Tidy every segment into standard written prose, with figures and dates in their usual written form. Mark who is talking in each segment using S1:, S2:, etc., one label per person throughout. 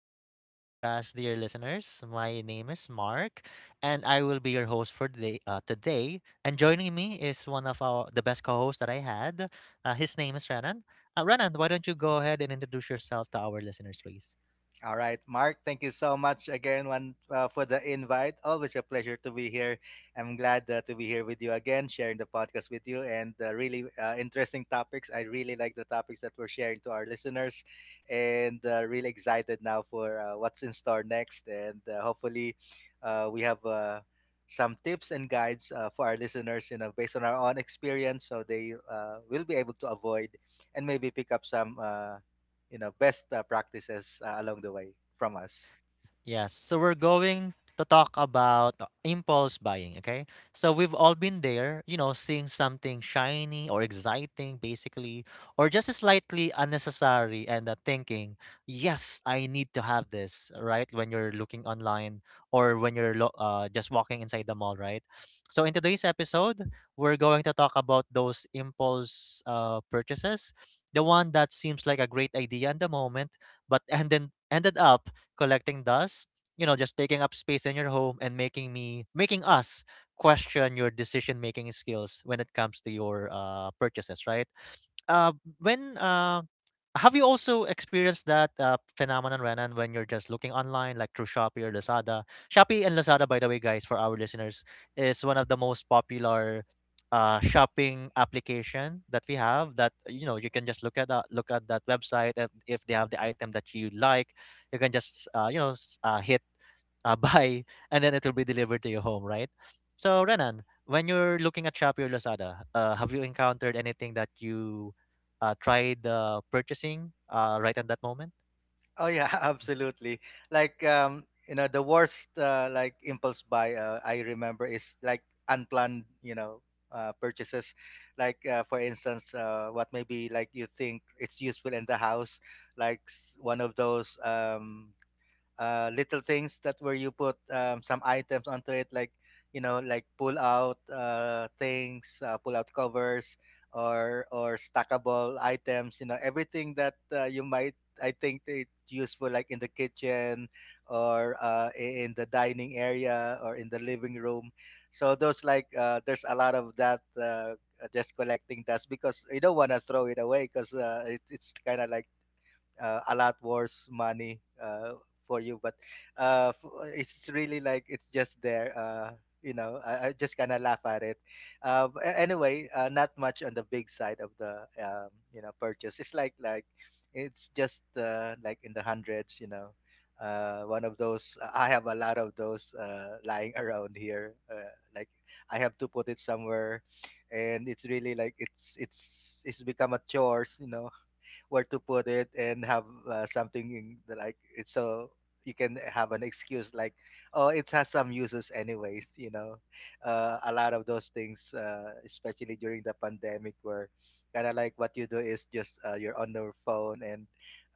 S1: the awesome podcast, dear listeners. My name is Mark, and I will be your host for today. And joining me is one of our the best co-hosts that I had. His name is Renan. Renan, why don't you go ahead and introduce yourself to our listeners, please?
S2: All right, Mark, thank you so much for the invite. Always a pleasure to be here. I'm glad to be here with you again, sharing the podcast with you and really interesting topics. I really like the topics that we're sharing to our listeners and really excited now for what's in store next. And hopefully, we have some tips and guides for our listeners, you know, based on our own experience so they will be able to avoid and maybe pick up some. Best practices along the way from us.
S1: Yes, so we're going to talk about impulse buying, okay? So we've all been there, you know, seeing something shiny or exciting, basically, or just slightly unnecessary, and thinking, yes, I need to have this, right? When you're looking online or when you're just walking inside the mall, right? So in today's episode, we're going to talk about those impulse purchases, the one that seems like a great idea in the moment, but and then ended up collecting dust, you know, just taking up space in your home and making us question your decision making skills when it comes to your purchases, right? uh, when Have you also experienced that phenomenon, Renan, when you're just looking online, like through Shopee or Lazada? Shopee and Lazada, by the way, guys, for our listeners, is one of the most popular shopping application that we have. That you know, you can just look at that website. If they have the item that you like, you can just hit buy, and then it will be delivered to your home, right? So, Renan, when you're looking at Shopee or Lazada, have you encountered anything that you tried purchasing right at that moment?
S2: Oh, yeah.
S1: Mhm.
S2: Absolutely. Like the worst like impulse buy I remember is like unplanned, you know, purchases. Like for instance, what maybe like you think it's useful in the house, like one of those, little things that where you put some items onto it, like you know, like pull out things, pull out covers, or stackable items. You know, everything that you might. I think it's useful like in the kitchen or in the dining area or in the living room. So those like, there's a lot of that just collecting dust because you don't want to throw it away because it's kind of like a lot worse money for you, but it's really like it's just there. You know, I just kind of laugh at it. Anyway, not much on the big side of the, purchase. It's like it's just like in the hundreds, you know. One of those, I have a lot of those lying around here, like I have to put it somewhere. And it's really like it's it's become a chores, you know, where to put it and have something in the, like, it's so you can have an excuse like, oh, it has some uses anyways, you know. A lot of those things, especially during the pandemic, where kind of like what you do is just, you're on your phone. And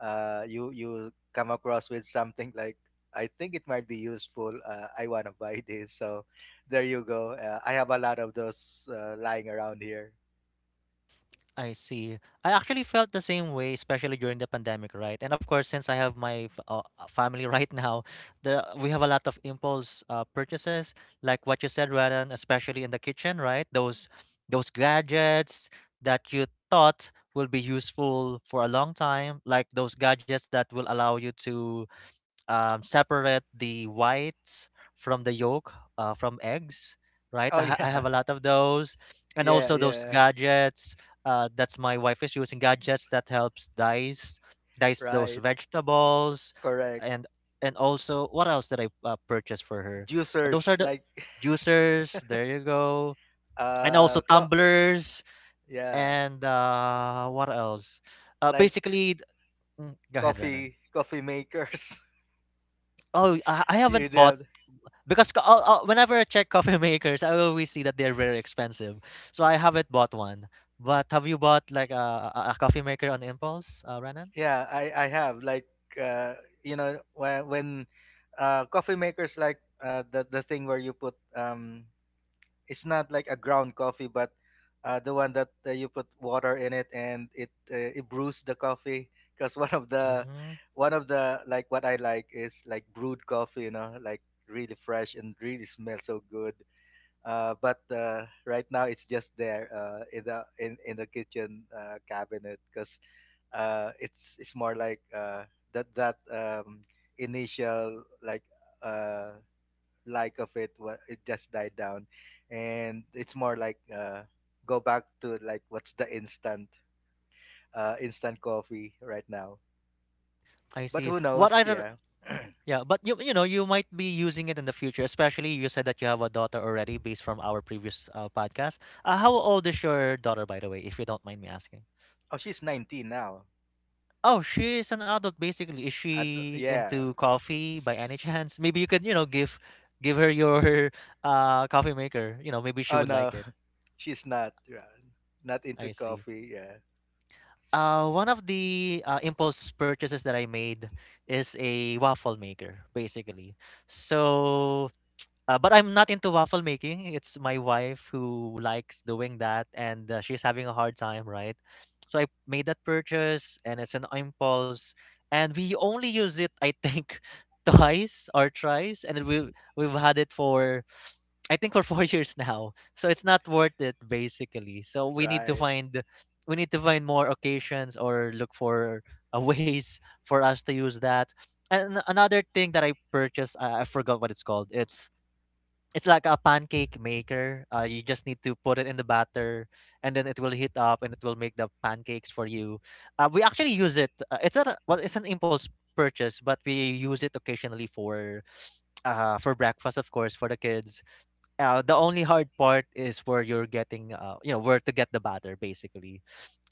S2: you come across with something like, I think it might be useful. I want to buy this. So there you go. I have a lot of those lying around here.
S1: I see. I actually felt the same way, especially during the pandemic, right? And of course, since I have my family right now, the we have a lot of impulse purchases, like what you said, Radan, especially in the kitchen, right? Those gadgets that you thought will be useful for a long time, like those gadgets that will allow you to separate the whites from the yolk from eggs, right?
S2: Oh,
S1: I
S2: yeah.
S1: have a lot of those, and
S2: Yeah,
S1: also those
S2: yeah.
S1: gadgets. That's my wife is using gadgets that helps dice those
S2: Right.
S1: vegetables,
S2: Correct.
S1: and also what else did I purchase for her? Those are
S2: Juicers,
S1: the
S2: like.
S1: juicers. There you go, and also
S2: uh co-
S1: tumblers
S2: yeah,
S1: and what else? Uh,
S2: like
S1: basically, th- Go ahead, Renan.
S2: coffee coffee makers.
S1: Oh, I
S2: You
S1: haven't
S2: do
S1: bought.
S2: have.
S1: Whenever I check coffee makers, I always see that they're very expensive. So I haven't bought one. But have you bought like a coffee maker on impulse, Renan?
S2: Yeah, I have like, uh when coffee makers, like the thing where you put, it's not like a ground coffee, but the one that you put water in it and it it brews the coffee. Because one of the,
S1: Mm-hmm.
S2: like what I like is like brewed coffee, you know, like really fresh and really smells so good. But right now it's just there, in the kitchen cabinet because it's more like that initial uh, like of it what it just died down, and it's more like go back to like what's the instant instant coffee right now.
S1: I
S2: But
S1: see.
S2: who
S1: What I
S2: knows?
S1: other
S2: Yeah.
S1: Yeah, but you know you might be using it in the future, especially you said that you have a daughter already based from our previous podcast. How old is your daughter, by the way, if you don't mind me asking?
S2: Oh, she's 19 now.
S1: Oh, she is an adult basically. Is
S2: I d-
S1: she
S2: yeah.
S1: into coffee by any chance? Maybe you could you know give give her your coffee maker. You know, maybe she
S2: Oh
S1: would
S2: no,
S1: like it.
S2: she's not. Yeah. Not into
S1: I see.
S2: coffee. Yeah.
S1: One of the impulse purchases that I made is a waffle maker, basically. So but I'm not into waffle making. It's my wife who likes doing that, and she's having a hard time, right? So I made that purchase, and it's an impulse, and we only use it, I think, twice or thrice, and we've had it for I think for four years now. So it's not worth it, basically.
S2: Right,
S1: We need to find more occasions or look for ways for us to use that. And another thing that I purchased, I forgot what it's called. It's like a pancake maker. You just need to put it in the batter, and then it will heat up, and it will make the pancakes for you. We actually use it. It's not a, well, It's an impulse purchase, but we use it occasionally for breakfast, of course, for the kids. The only hard part is where you're getting, you know, where to get the batter, basically.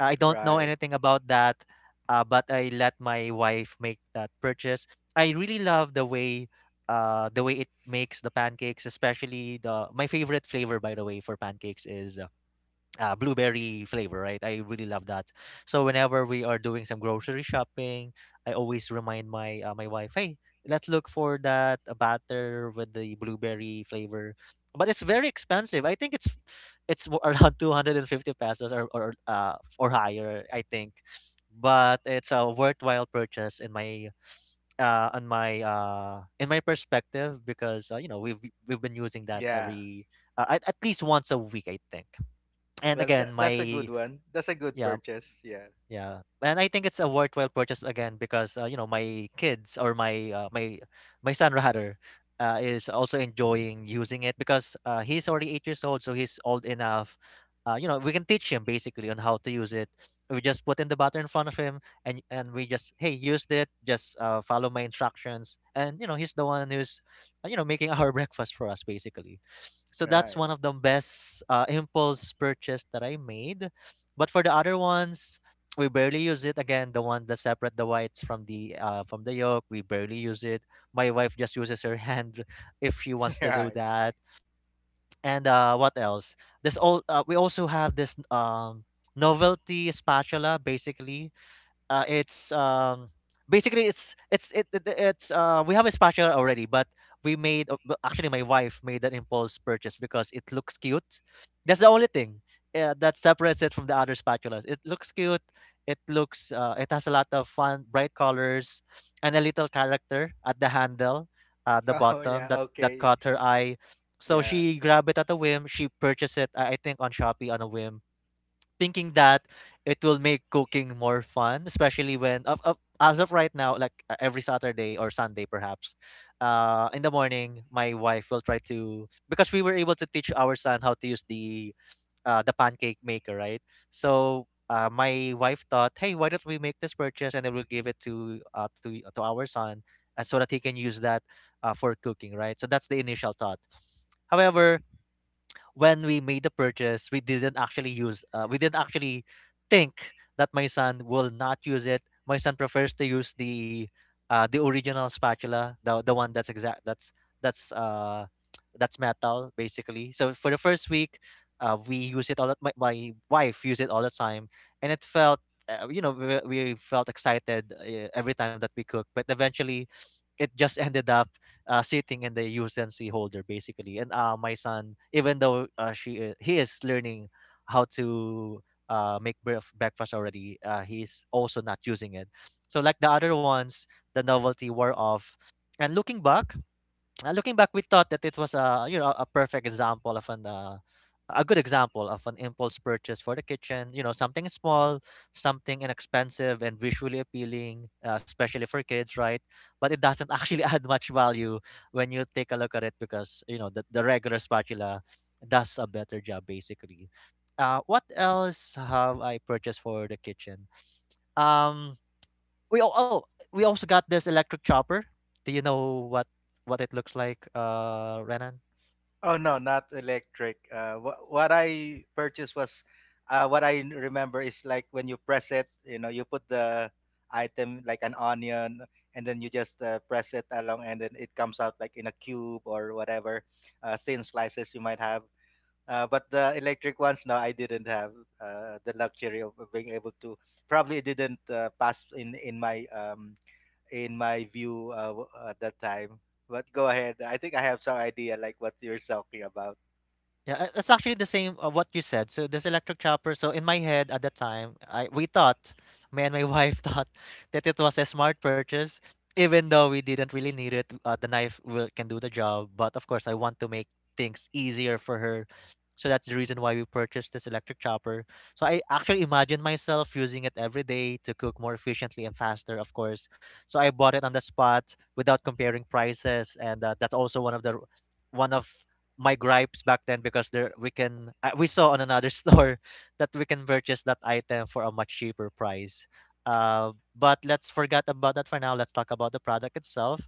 S1: I don't know
S2: right.
S1: anything about that, but I let my wife make that purchase. I really love the way it makes the pancakes, especially the my favorite flavor, by the way, for pancakes is blueberry flavor, right? I really love that. So whenever we are doing some grocery shopping, I always remind my wife, hey, let's look for that batter with the blueberry flavor. But it's very expensive. I think it's around 250 pesos or higher, I think. But it's a worthwhile purchase in my perspective because you know we've been using that
S2: Yeah.
S1: every at least once a week, I think. And
S2: Well,
S1: again,
S2: that's a good
S1: my
S2: one. That's a good
S1: Yeah,
S2: purchase. Yeah.
S1: yeah, and I think it's a worthwhile purchase again because you know my kids or my my my son rather is also enjoying using it because he's already 8 years old, so he's old enough. You know, we can teach him basically on how to use it. We just put in the butter in front of him, and we just hey use it. Just follow my instructions, and you know he's the one who's you know making our breakfast for us basically. So that's
S2: Right.
S1: one of the best impulse purchase that I made. But for the other ones, we barely use it again, the one that separate the whites from the yolk. We barely use it. My wife just uses her hand if she wants to do
S2: Right.
S1: that. And what else this all We also have this novelty spatula basically. Uh, it's basically it's it, it it's We have a spatula already, but actually my wife made an impulse purchase because it looks cute. That's the only thing that separates it from the other spatulas. It looks cute. It looks it has a lot of fun, bright colors, and a little character at the handle, at the
S2: Oh
S1: bottom
S2: yeah.
S1: that
S2: Okay.
S1: caught her eye. So
S2: Yeah.
S1: she grabbed it at a whim. She purchased it, I think, on Shopee on a whim thinking that it will make cooking more fun, especially when as of right now, like every Saturday or Sunday perhaps, in the morning, my wife will try to because we were able to teach our son how to use the pancake maker, right? So. My wife thought, "Hey, why don't we make this purchase and then we'll give it to to our son, so that he can use that for cooking, right?" So that's the initial thought. However, when we made the purchase, we didn't actually use. We didn't actually think that my son will not use it. My son prefers to use the original spatula, the one that's exact. That's That's metal basically. So for the first week, we use it all. The, my wife used it all the time, and it felt. You know, we felt excited every time that we cooked, but eventually, it just ended up sitting in the USNC holder basically. And my son, even though he is learning how to breakfast already, he's also not using it. So like the other ones, the novelty wore off. And looking back, Looking back, we thought that it was a you know a perfect example of an a good example of an impulse purchase for the kitchen. You know, something small, something inexpensive and visually appealing, especially for kids, right? But it doesn't actually add much value when you take a look at it because you know the regular spatula does a better job basically. What else have I purchased for the kitchen? Um, we all oh, we also got this electric chopper. Do you know what it looks like, Renan?
S2: Oh no, not electric. What I purchased was, what I remember is like, when you press it, you know, you put the item like an onion, and then you just press it along, and then it comes out like in a cube or whatever, thin slices you might have. But the electric ones, no, I didn't have the luxury of being able to. Probably it didn't pass in my view at that time. But go ahead. I think I have some idea like what you're talking about.
S1: Yeah, it's actually the same of what you said. So this electric chopper. So in my head at that time, I we thought, me and my wife thought that it was a smart purchase, even though we didn't really need it. Can do the job, but of course, I want to make things easier for her. So that's the reason why we purchased this electric chopper. So I actually imagine myself using it every day to cook more efficiently and faster, of course. So I bought it on the spot without comparing prices, and that's also one of my gripes back then because there we can we saw on another store that we can purchase that item for a much cheaper price. But let's forget about that for now. Let's talk about the product itself.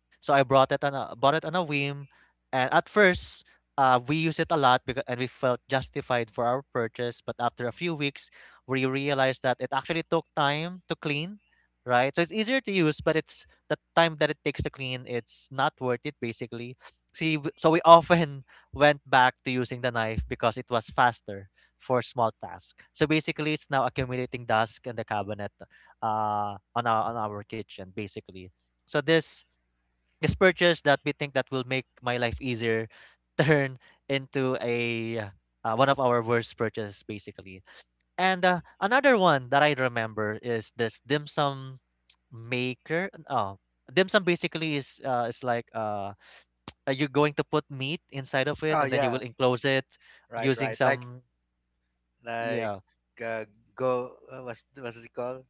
S1: So I brought it on a bought it on a whim, and at first, we used it a lot because and we felt justified for our purchase. But after a few weeks, we realized that it actually took time to clean. Right, so it's easier to use, but it's the time that it takes to clean. It's not worth it, basically. See, so we often went back to using the knife because it was faster for small tasks. So basically, it's now accumulating dust in the cabinet on our kitchen, basically. So this purchase that we think that will make my life easier turn into a one of our worst purchases, basically. And another one that I remember is this dim sum maker. Oh, dim sum basically is like you're going to put meat inside of it
S2: Oh
S1: and then you will
S2: yeah,
S1: enclose it
S2: right,
S1: using
S2: right.
S1: some,
S2: Like
S1: yeah,
S2: uh, go what's it called?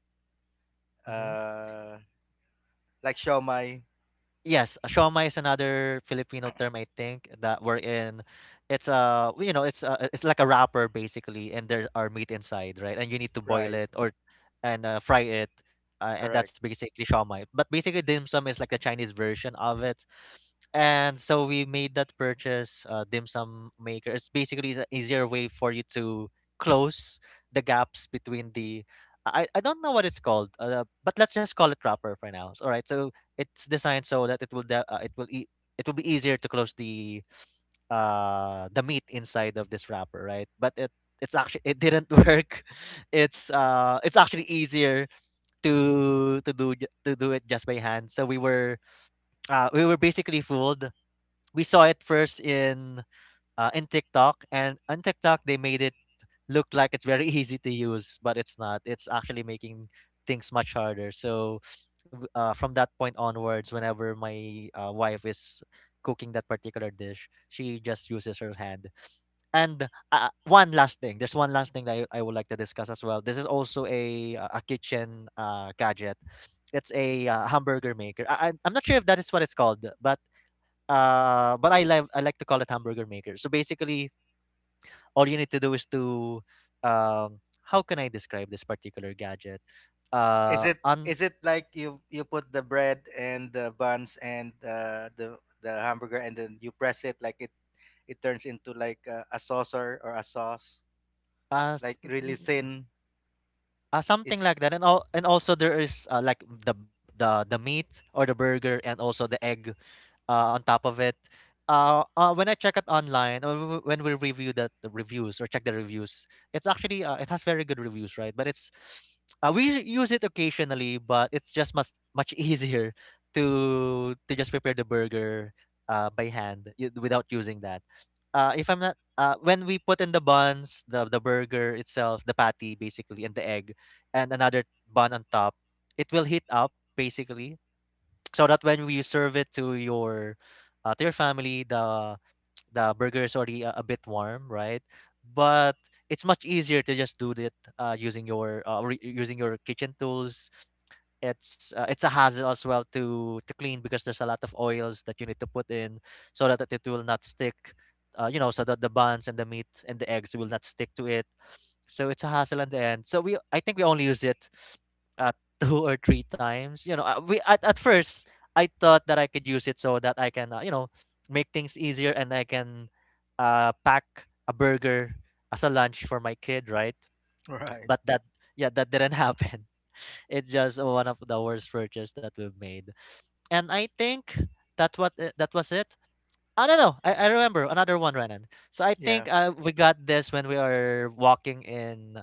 S1: mm-hmm.
S2: Uh, like show my.
S1: Yes, siomai is another Filipino term I think that we're in. It's you know it's like a wrapper basically, and there are meat inside, right? And you need to boil
S2: Right,
S1: it or and fry it, and
S2: correct.
S1: that's basically siomai. But basically, dim sum is like the Chinese version of it, and so we made that purchase. Dim sum maker. It's basically is an easier way for you to close the gaps between the. I don't know what it's called, but let's just call it wrapper for now. All right, so it's designed so that it will de- it will e- it will be easier to close the meat inside of this wrapper, right? But it didn't work. It's actually easier to do it just by hand. So we were basically fooled. We saw it first in TikTok, and on TikTok they made it look like it's very easy to use, but it's not. It's actually making things much harder. So, from that point onwards, whenever my wife is cooking that particular dish, she just uses her hand. And one last thing, there's one last thing that I would like to discuss as well. This is also a kitchen gadget. It's a hamburger maker. I'm not sure if that is what it's called, but I like to call it hamburger maker. So basically, all you need to do is to um how can I describe this particular gadget? Un
S2: Is it like you put the bread and the buns and the hamburger, and then you press it, like it turns into like a saucer or a sauce,
S1: as
S2: like really thin.
S1: something
S2: Is.
S1: like that, and all and also there is like the meat or the burger and also the egg on top of it. When I check it online, or when we review the reviews or check the reviews, it's actually it has very good reviews, right? But it's we use it occasionally, but it's just much easier to just prepare the burger by hand without using that. If I'm not when we put in the buns, the burger itself, the patty basically, and the egg, and another bun on top, it will heat up basically so that when you serve it to your family, the burger is already a bit warm, right? But it's much easier to just do it, using your using your kitchen tools. It's a hassle as well to clean because there's a lot of oils that you need to put in so that it will not stick, you know, so that the buns and the meat and the eggs will not stick to it. So it's a hassle in the end, so we, I think we only use it uh, two or three times, you know. At first, I thought that I could use it so that I can, you know, make things easier, and I can, pack a burger as a lunch for my kid, right?
S2: Right.
S1: But that, yeah, that didn't happen. It's just one of the worst purchase that we've made. And I think that was it. I don't know. I remember another one, Renan. So I
S2: Yeah.
S1: think we got this when we are walking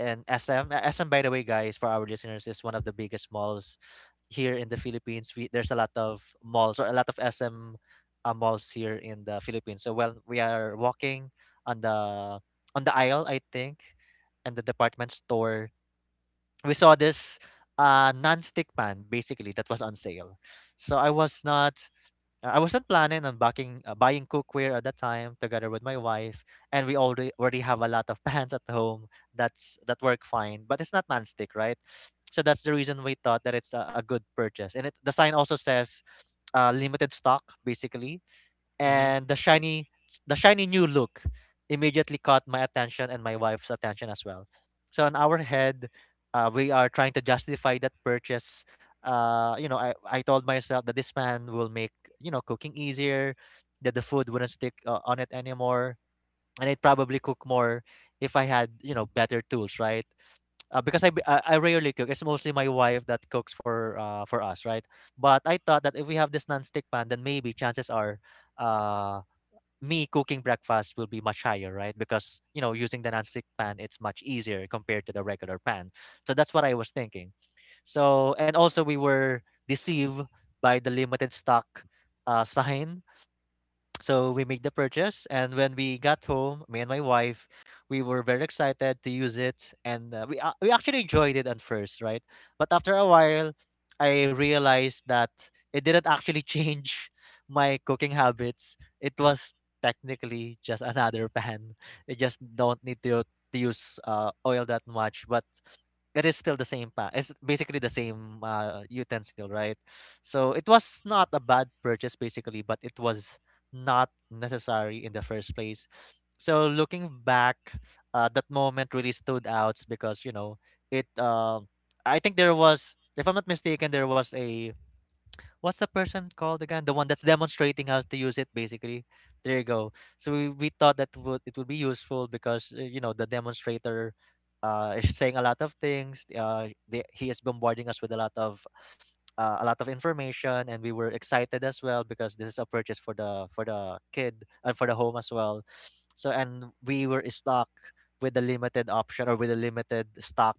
S1: in SM. SM, by the way, guys, for our listeners, is one of the biggest malls here in the Philippines. We there's a lot of malls or a lot of SM malls here in the Philippines. So well, we are walking on the on the aisle, I think, and the department store, we saw this non-stick pan basically that was on sale. So I was not, I wasn't planning on backing, buying cookware at that time together with my wife, and we already have a lot of pans at home that's that work fine, but it's not non-stick, right? So that's the reason we thought that it's a good purchase. And it the sign also says, limited stock basically,
S2: Mm-hmm.
S1: and the shiny new look immediately caught my attention and my wife's attention as well. So in our head, we are trying to justify that purchase. You know, I told myself that this pan will make, you know, cooking easier, that the food wouldn't stick on it anymore, and it probably cook more if I had, you know, better tools, right? I rarely cook. It's mostly my wife that cooks for us, right? But I thought that if we have this non-stick pan, then maybe chances are, uh me cooking breakfast will be much higher, right? Because, you know, using the nonstick pan, it's much easier compared to the regular pan. So that's what I was thinking. So, and also we were deceived by the limited stock sign, so we made the purchase, and when we got home, me and my wife, we were very excited to use it, and we actually enjoyed it at first, right? But after a while, I realized that it didn't actually change my cooking habits. It was technically just another pan. You just don't need to use oil that much, but it's basically the same, utensil, right? So it was not a bad purchase basically, but it was not necessary in the first place. So looking back, that moment really stood out because, you know, it, uh, I think there was, if I'm not mistaken, there was a, what's the person called again? The one that's demonstrating how to use it, basically. There you go. So we thought that would it would be useful because, you know, the demonstrator, is saying a lot of things. He is bombarding us with a lot of, a lot of information, and we were excited as well because this is a purchase for the kid and for the home as well. So and we were stuck with the limited option or with the limited stock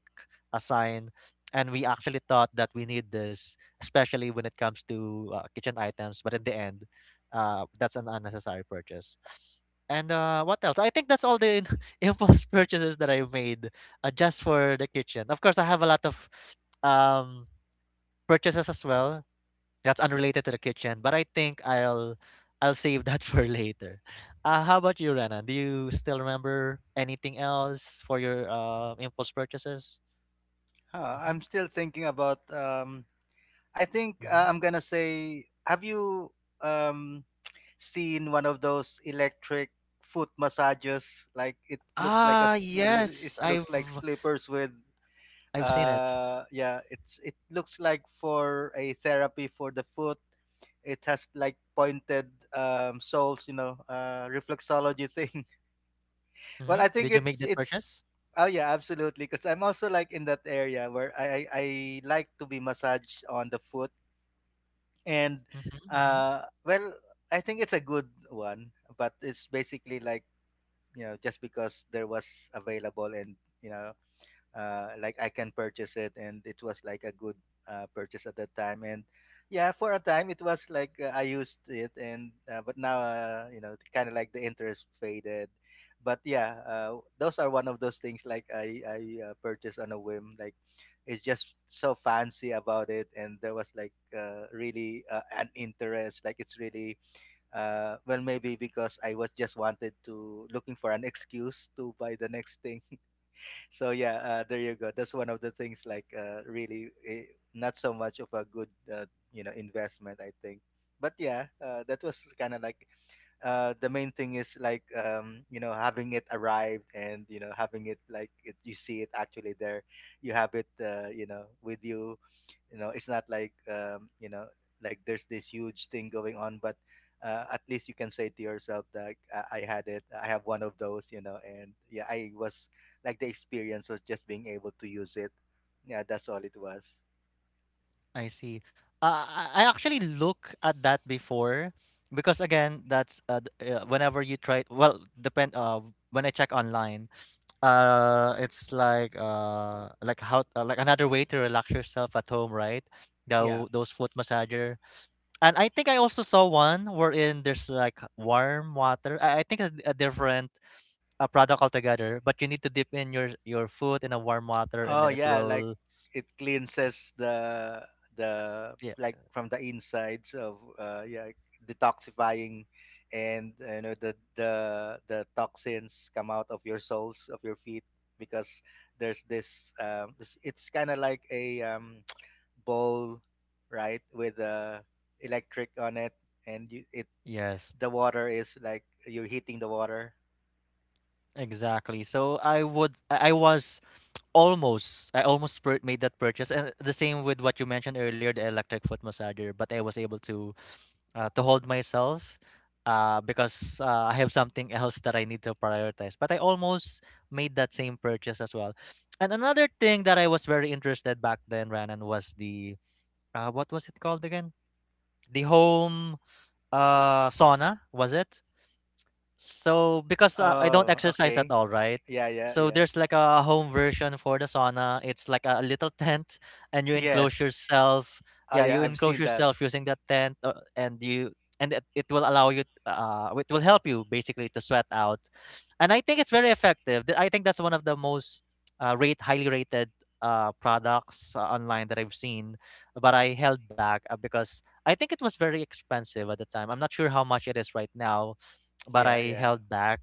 S1: assigned, and we actually thought that we need this, especially when it comes to kitchen items. But in the end, that's an unnecessary purchase. And what else? I think that's all the impulse purchases that I made just for the kitchen. Of course, I have a lot of um, purchases as well that's unrelated to the kitchen, but I think I'll save that for later. How about you, Rana? Do you still remember anything else for your impulse purchases?
S2: Huh,
S1: Mm-hmm.
S2: I'm still thinking about. I think
S1: Mm-hmm.
S2: I'm gonna say. Have you um seen one of those electric foot massages? Like it looks like a
S1: Ah,
S2: it
S1: yes,
S2: looks like slippers with.
S1: I've seen it.
S2: Yeah, it looks like for a therapy for the foot. It has like pointed, soles, you know, reflexology thing.
S1: Hmm.
S2: Well, I think
S1: Did you make
S2: it's
S1: that
S2: it's
S1: purchase?
S2: Oh yeah, absolutely, because I'm also like in that area where I like to be massaged on the foot. And
S1: Mm-hmm, mm-hmm.
S2: well, I think it's a good one, but it's basically like, you know, just because there was available and you know, like I can purchase it, and it was like a good purchase at that time. And yeah, for a time it was like I used it, and but now you know, kind of like the interest faded. But yeah, those are one of those things like I purchased on a whim. Like it's just so fancy about it, and there was like really an interest. Like it's really well, maybe because I was just wanted to looking for an excuse to buy the next thing. So yeah, there you go. That's one of the things like really not so much of a good investment, I think. But yeah, that was kind of like the main thing is like, you know, having it arrived and you know having it like it, you see it actually there, you have it, you know, with you. You know, it's not like like there's this huge thing going on, but at least you can say to yourself that I had it, I have one of those, you know. And yeah, I was like, the experience was just being able to use it. Yeah, that's all it was.
S1: I see. I actually look at that before because again, that's whenever you try. Well, depend. When I check online, it's like how like another way to relax yourself at home, right?
S2: Yeah.
S1: Those foot massager, and I think I also saw one wherein there's like warm water. I think it's a different a product altogether, but you need to dip in your foot in a warm water, and
S2: Oh
S1: then it
S2: yeah, like
S1: will,
S2: it cleanses the
S1: yeah,
S2: like from the insides of, uh, yeah, detoxifying. And you know, the the toxins come out of your soles of your feet, because there's this, it's kind of like a bowl, right, with a electric on it, and you, it,
S1: yes,
S2: the water is like you're heating the water.
S1: exactly. So I would. I was almost. I almost made that purchase. And the same with what you mentioned earlier, the electric foot massager. But I was able to hold myself, because I have something else that I need to prioritize. But I almost made that same purchase as well. And another thing that I was very interested back then, Ranan, was the what was it called again? The home sauna was it? So because I don't
S2: Oh,
S1: exercise at
S2: okay.
S1: all, right?
S2: Yeah, yeah,
S1: So
S2: yeah.
S1: there's like a home version for the sauna. It's like a little tent, and you enclose
S2: Yes.
S1: yourself.
S2: Oh
S1: Yeah,
S2: yeah,
S1: you
S2: I've
S1: enclose
S2: seen that.
S1: yourself using that tent, and it will allow you. It will help you basically to sweat out, and I think it's very effective. I think that's one of the most rate highly rated products online that I've seen, but I held back because I think it was very expensive at the time. I'm not sure how much it is right now, but
S2: Yeah,
S1: I
S2: yeah.
S1: held back.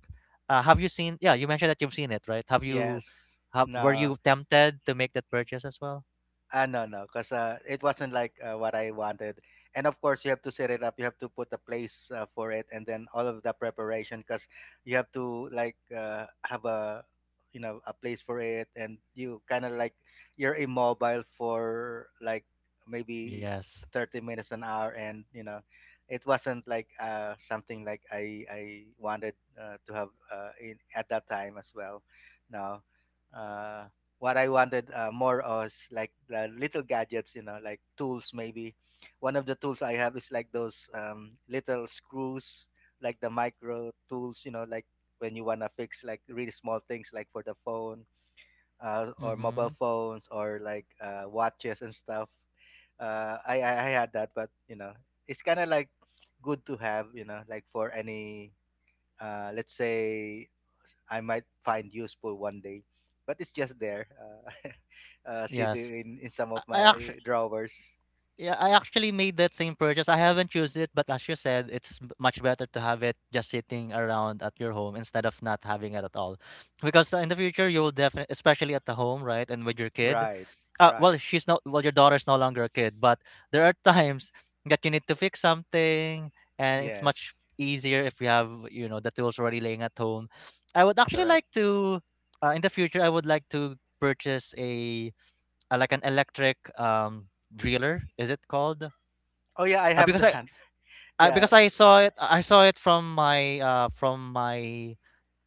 S1: Have you seen? Yeah, you mentioned that you've seen it, right? Have you?
S2: Yes.
S1: Have were
S2: No.
S1: you tempted to make that purchase as well?
S2: Ah, no, no, because it wasn't like what I wanted. And of course, you have to set it up. You have to put a place for it, and then all of the preparation, because you have to like have a, you know, a place for it, and you kind of like you're immobile for like maybe
S1: Yes.
S2: 30 minutes an hour, and you know it wasn't like something like I wanted to have in at that time as well. No. uh, what I wanted more was like the little gadgets, you know, like tools maybe. One of the tools I have is like those, little screws, like the micro tools, you know, like when you want to fix like really small things like for the phone, or
S1: Mm-hmm.
S2: mobile phones or like watches and stuff. I had that, but you know, it's kind of like good to have, you know, like for any let's say I might find useful one day, but it's just there,
S1: Yes.
S2: sitting in some of
S1: I,
S2: my drawers.
S1: Yeah, I actually made that same purchase. I haven't used it, but as you said, it's much better to have it just sitting around at your home instead of not having it at all. Because in the future, you will definitely, especially at the home, right, and with your kid.
S2: Right,
S1: Well,
S2: right.
S1: she's not. Well, your daughter's no longer a kid, but there are times that you need to fix something, and it's much
S2: Yes,
S1: easier if you have, you know, the tools already laying at home. I would actually
S2: correct.
S1: like to, in the future, I would like to purchase a like an electric driller is it called
S2: Oh yeah, I have
S1: because
S2: that.
S1: I
S2: Yeah.
S1: because i saw it from my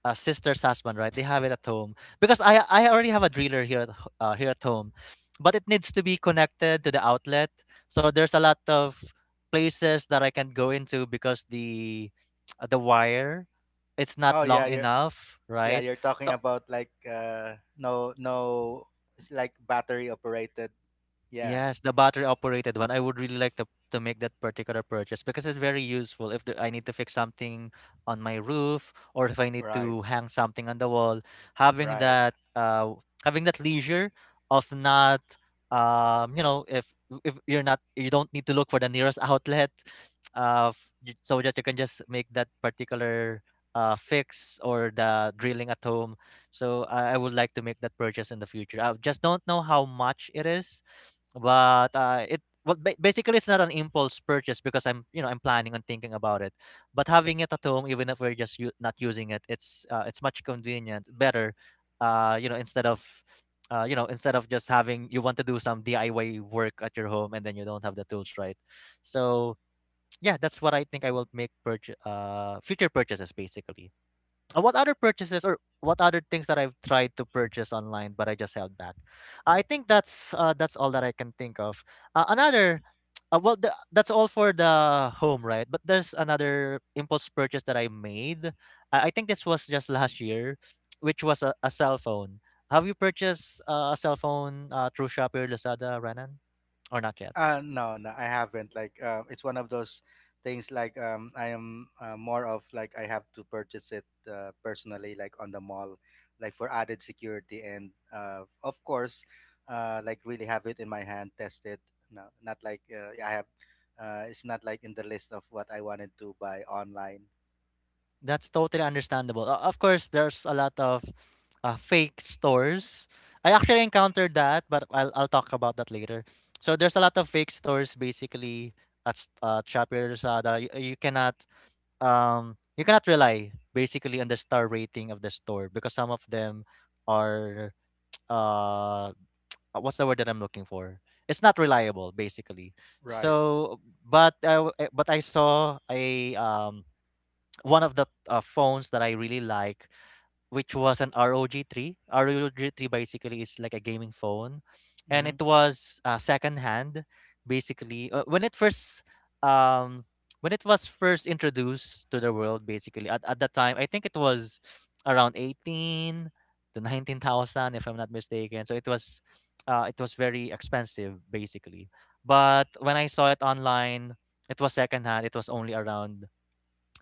S1: sister's husband, right? They have it at home because i already have a driller here at here at home, but it needs to be connected to the outlet, so there's a lot of places that I can go into because the the wire, it's
S2: Oh
S1: not
S2: yeah,
S1: long
S2: you're,
S1: enough,
S2: yeah,
S1: right?
S2: you're talking
S1: So
S2: about like no no, it's like battery operated. Yeah.
S1: Yes, the battery operated one. I would really like to make that particular purchase because it's very useful. If the, I need to fix something on my roof or if I need
S2: Right.
S1: to hang something on the wall, having
S2: Right.
S1: that uh having that leisure of not you know, if you're not, you don't need to look for the nearest outlet, uh f- so that you can just make that particular fix or the drilling at home. So I would like to make that purchase in the future. I just don't know how much it is, but it well basically it's not an impulse purchase because I'm, you know, I'm planning on thinking about it. But having it at home, even if we're just not using it, it's much convenient, better. You know, instead of you know, instead of just having, you want to do some DIY work at your home and then you don't have the tools, right? So yeah, that's what I think I will make purchase future purchases basically. What other purchases or what other things that I've tried to purchase online but I just held back? I think that's all that I can think of. Another, well, that's all for the home, right? But there's another impulse purchase that I made. I think this was just last year, which was a cell phone. Have you purchased a cell phone through Shopee or Lazada, Renan, or not yet?
S2: No, no, I haven't. Like, it's one of those things. Like, I am more of like I have to purchase it personally, like on the mall, like for added security, and of course, like really have it in my hand, test it. No, not like yeah, I have. It's not like in the list of what I wanted to buy online.
S1: That's totally understandable. Of course, there's a lot of fake stores. I actually encountered that, but I'll talk about that later. So there's a lot of fake stores basically at Shopee or Lazada. You, you cannot you cannot rely basically on the star rating of the store because some of them are uh what's the word that I'm looking for? It's not reliable basically.
S2: Right.
S1: So but but I saw a one of the phones that I really like, which was an ROG Three. ROG Three basically is like a gaming phone, and
S2: Mm-hmm.
S1: it was second hand. Basically, when it first um when it was first introduced to the world, basically at that time, I think it was around 18 to 19 thousand, if I'm not mistaken. So it was very expensive, basically. But when I saw it online, it was second hand. It was only around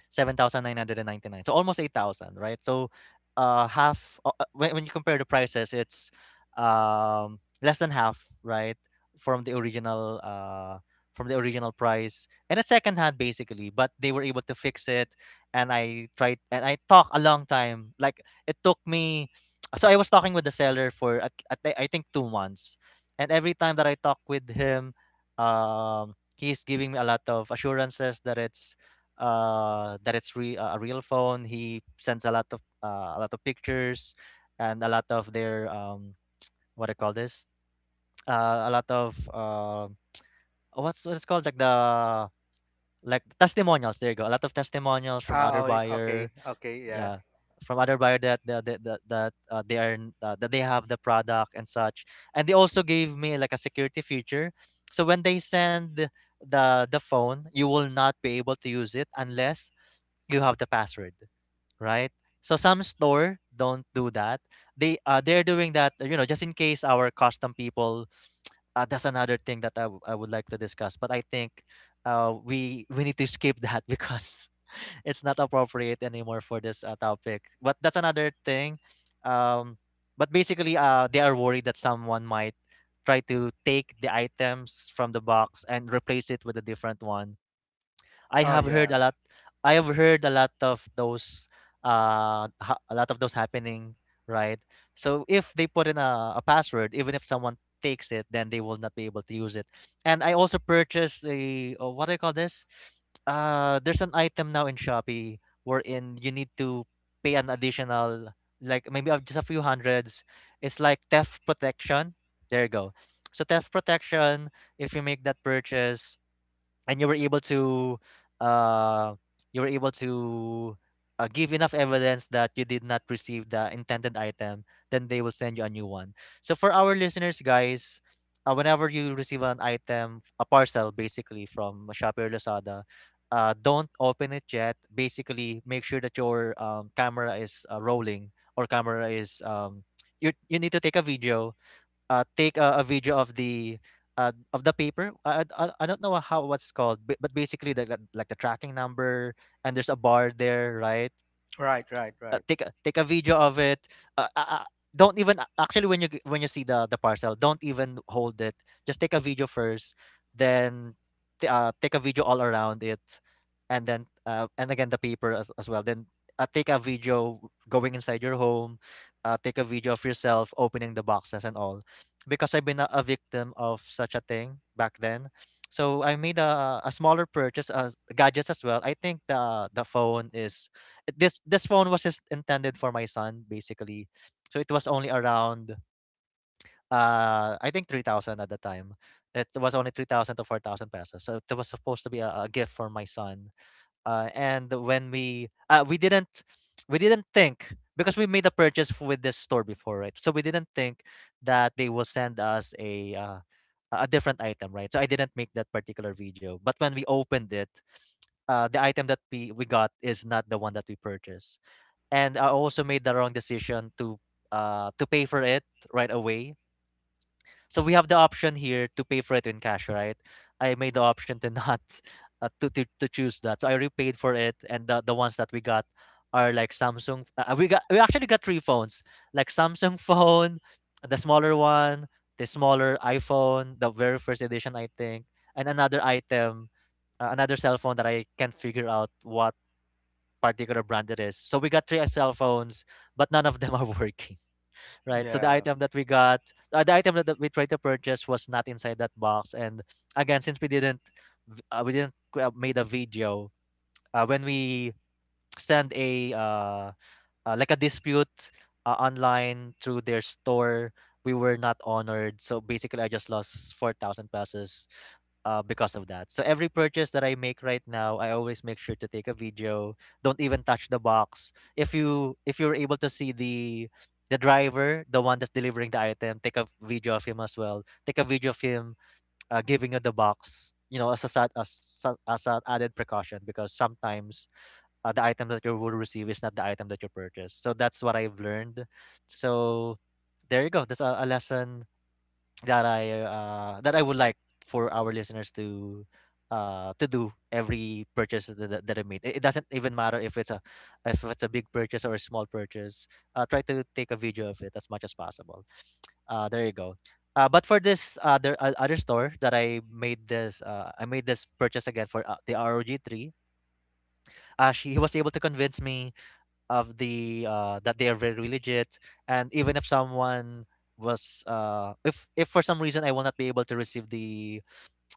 S1: 7,999. So almost 8,000, right? So half when you compare the prices, it's less than half, right? From the original uh from the original price, and it's second hand basically, but they were able to fix it. And I tried, and I talked a long time. Like it took me so I was talking with the seller for at I think 2 months, and every time that I talk with him, he's giving me a lot of assurances that it's a real phone. He sends a lot of pictures and a lot of their what I call this? A lot of what's called like the like testimonials. There you go. A lot of testimonials from
S2: Ah,
S1: other
S2: oh, okay,
S1: buyer.
S2: okay, yeah.
S1: Yeah, from other buyer that that that, that that, they are n- that they have the product and such. And they also gave me like a security feature. So when they send the phone, you will not be able to use it unless you have the password, right? So some store don't do that. They they're doing that, you know, just in case our custom people. That's another thing that I would like to discuss. But I think we need to skip that because it's not appropriate anymore for this topic. But that's another thing. Um, but basically, they are worried that someone might try to take the items from the box and replace it with a different one. I
S2: Oh,
S1: have heard a
S2: yeah.
S1: lot. I have heard a lot of those, a lot of those happening, right? So if they put in a password, even if someone takes it, then they will not be able to use it. And I also purchased a, oh, what do you call this? There's an item now in Shopee wherein you need to pay an additional, like maybe of just a few hundreds. It's like theft protection. There you go. So theft protection. If you make that purchase, and you were able to uh you were able to give enough evidence that you did not receive the intended item, then they will send you a new one. So for our listeners, guys, whenever you receive an item, a parcel basically from Shopee or Lazada, don't open it yet. Basically make sure that your camera is rolling, or camera is you, you need to take a video. Uh, take a video of the paper. I don't know how what's called, but basically the, like the tracking number, and there's a bar there, right?
S2: Right, right, right.
S1: Take a take a video of it. Uh, uh, uh, don't even actually when you when you see the parcel, don't even hold it. Just take a video first, then take a video all around it, and then and again the paper as well. Then take a video going inside your home. Take a video of yourself opening the boxes and all, because I've been a victim of such a thing back then. So I made a smaller purchase as gadgets as well. I think the phone is this phone was just intended for my son basically. So it was only around I think 3000 at the time. It was only 3000 to 4000 pesos. So it was supposed to be a gift for my son. Uh, and when we didn't, we didn't think, because we made a purchase with this store before, right? So we didn't think that they will send us a different item, right? So I didn't make that particular video. But when we opened it, the item that we got is not the one that we purchased, and I also made the wrong decision to pay for it right away. So we have the option here to pay for it in cash, right? I made the option to not to choose that. So I repaid for it, and the ones that we got are like Samsung. We got we actually got three phones, like Samsung phone, the smaller one, the smaller iPhone, the very first edition, I think, and another item, another cell phone that I can't figure out what particular brand it is. So we got three cell phones, but none of them are working, right? So the
S2: Yeah,
S1: item that we got, the item that we tried to purchase was not inside that box. And again, since we didn't made a video. When we send a like a dispute online through their store, we were not honored, so basically, I just lost 4,000 pesos because of that. So every purchase that I make right now, I always make sure to take a video. Don't even touch the box. If you if you're able to see the driver, the one that's delivering the item, take a video of him as well. Take a video of him giving you the box. You know, as a sad, as, sa- as an added precaution, because sometimes the item that you will receive is not the item that you purchase. So that's what I've learned. So there you go. That's a lesson that I would like for our listeners to do every purchase that, that they made. It doesn't even matter if it's a big purchase or a small purchase. Try to take a video of it as much as possible. There you go. But for this other store that I made this purchase again for the ROG three. She he was able to convince me of the that they are very religious, and even if someone was if for some reason I will not be able to receive the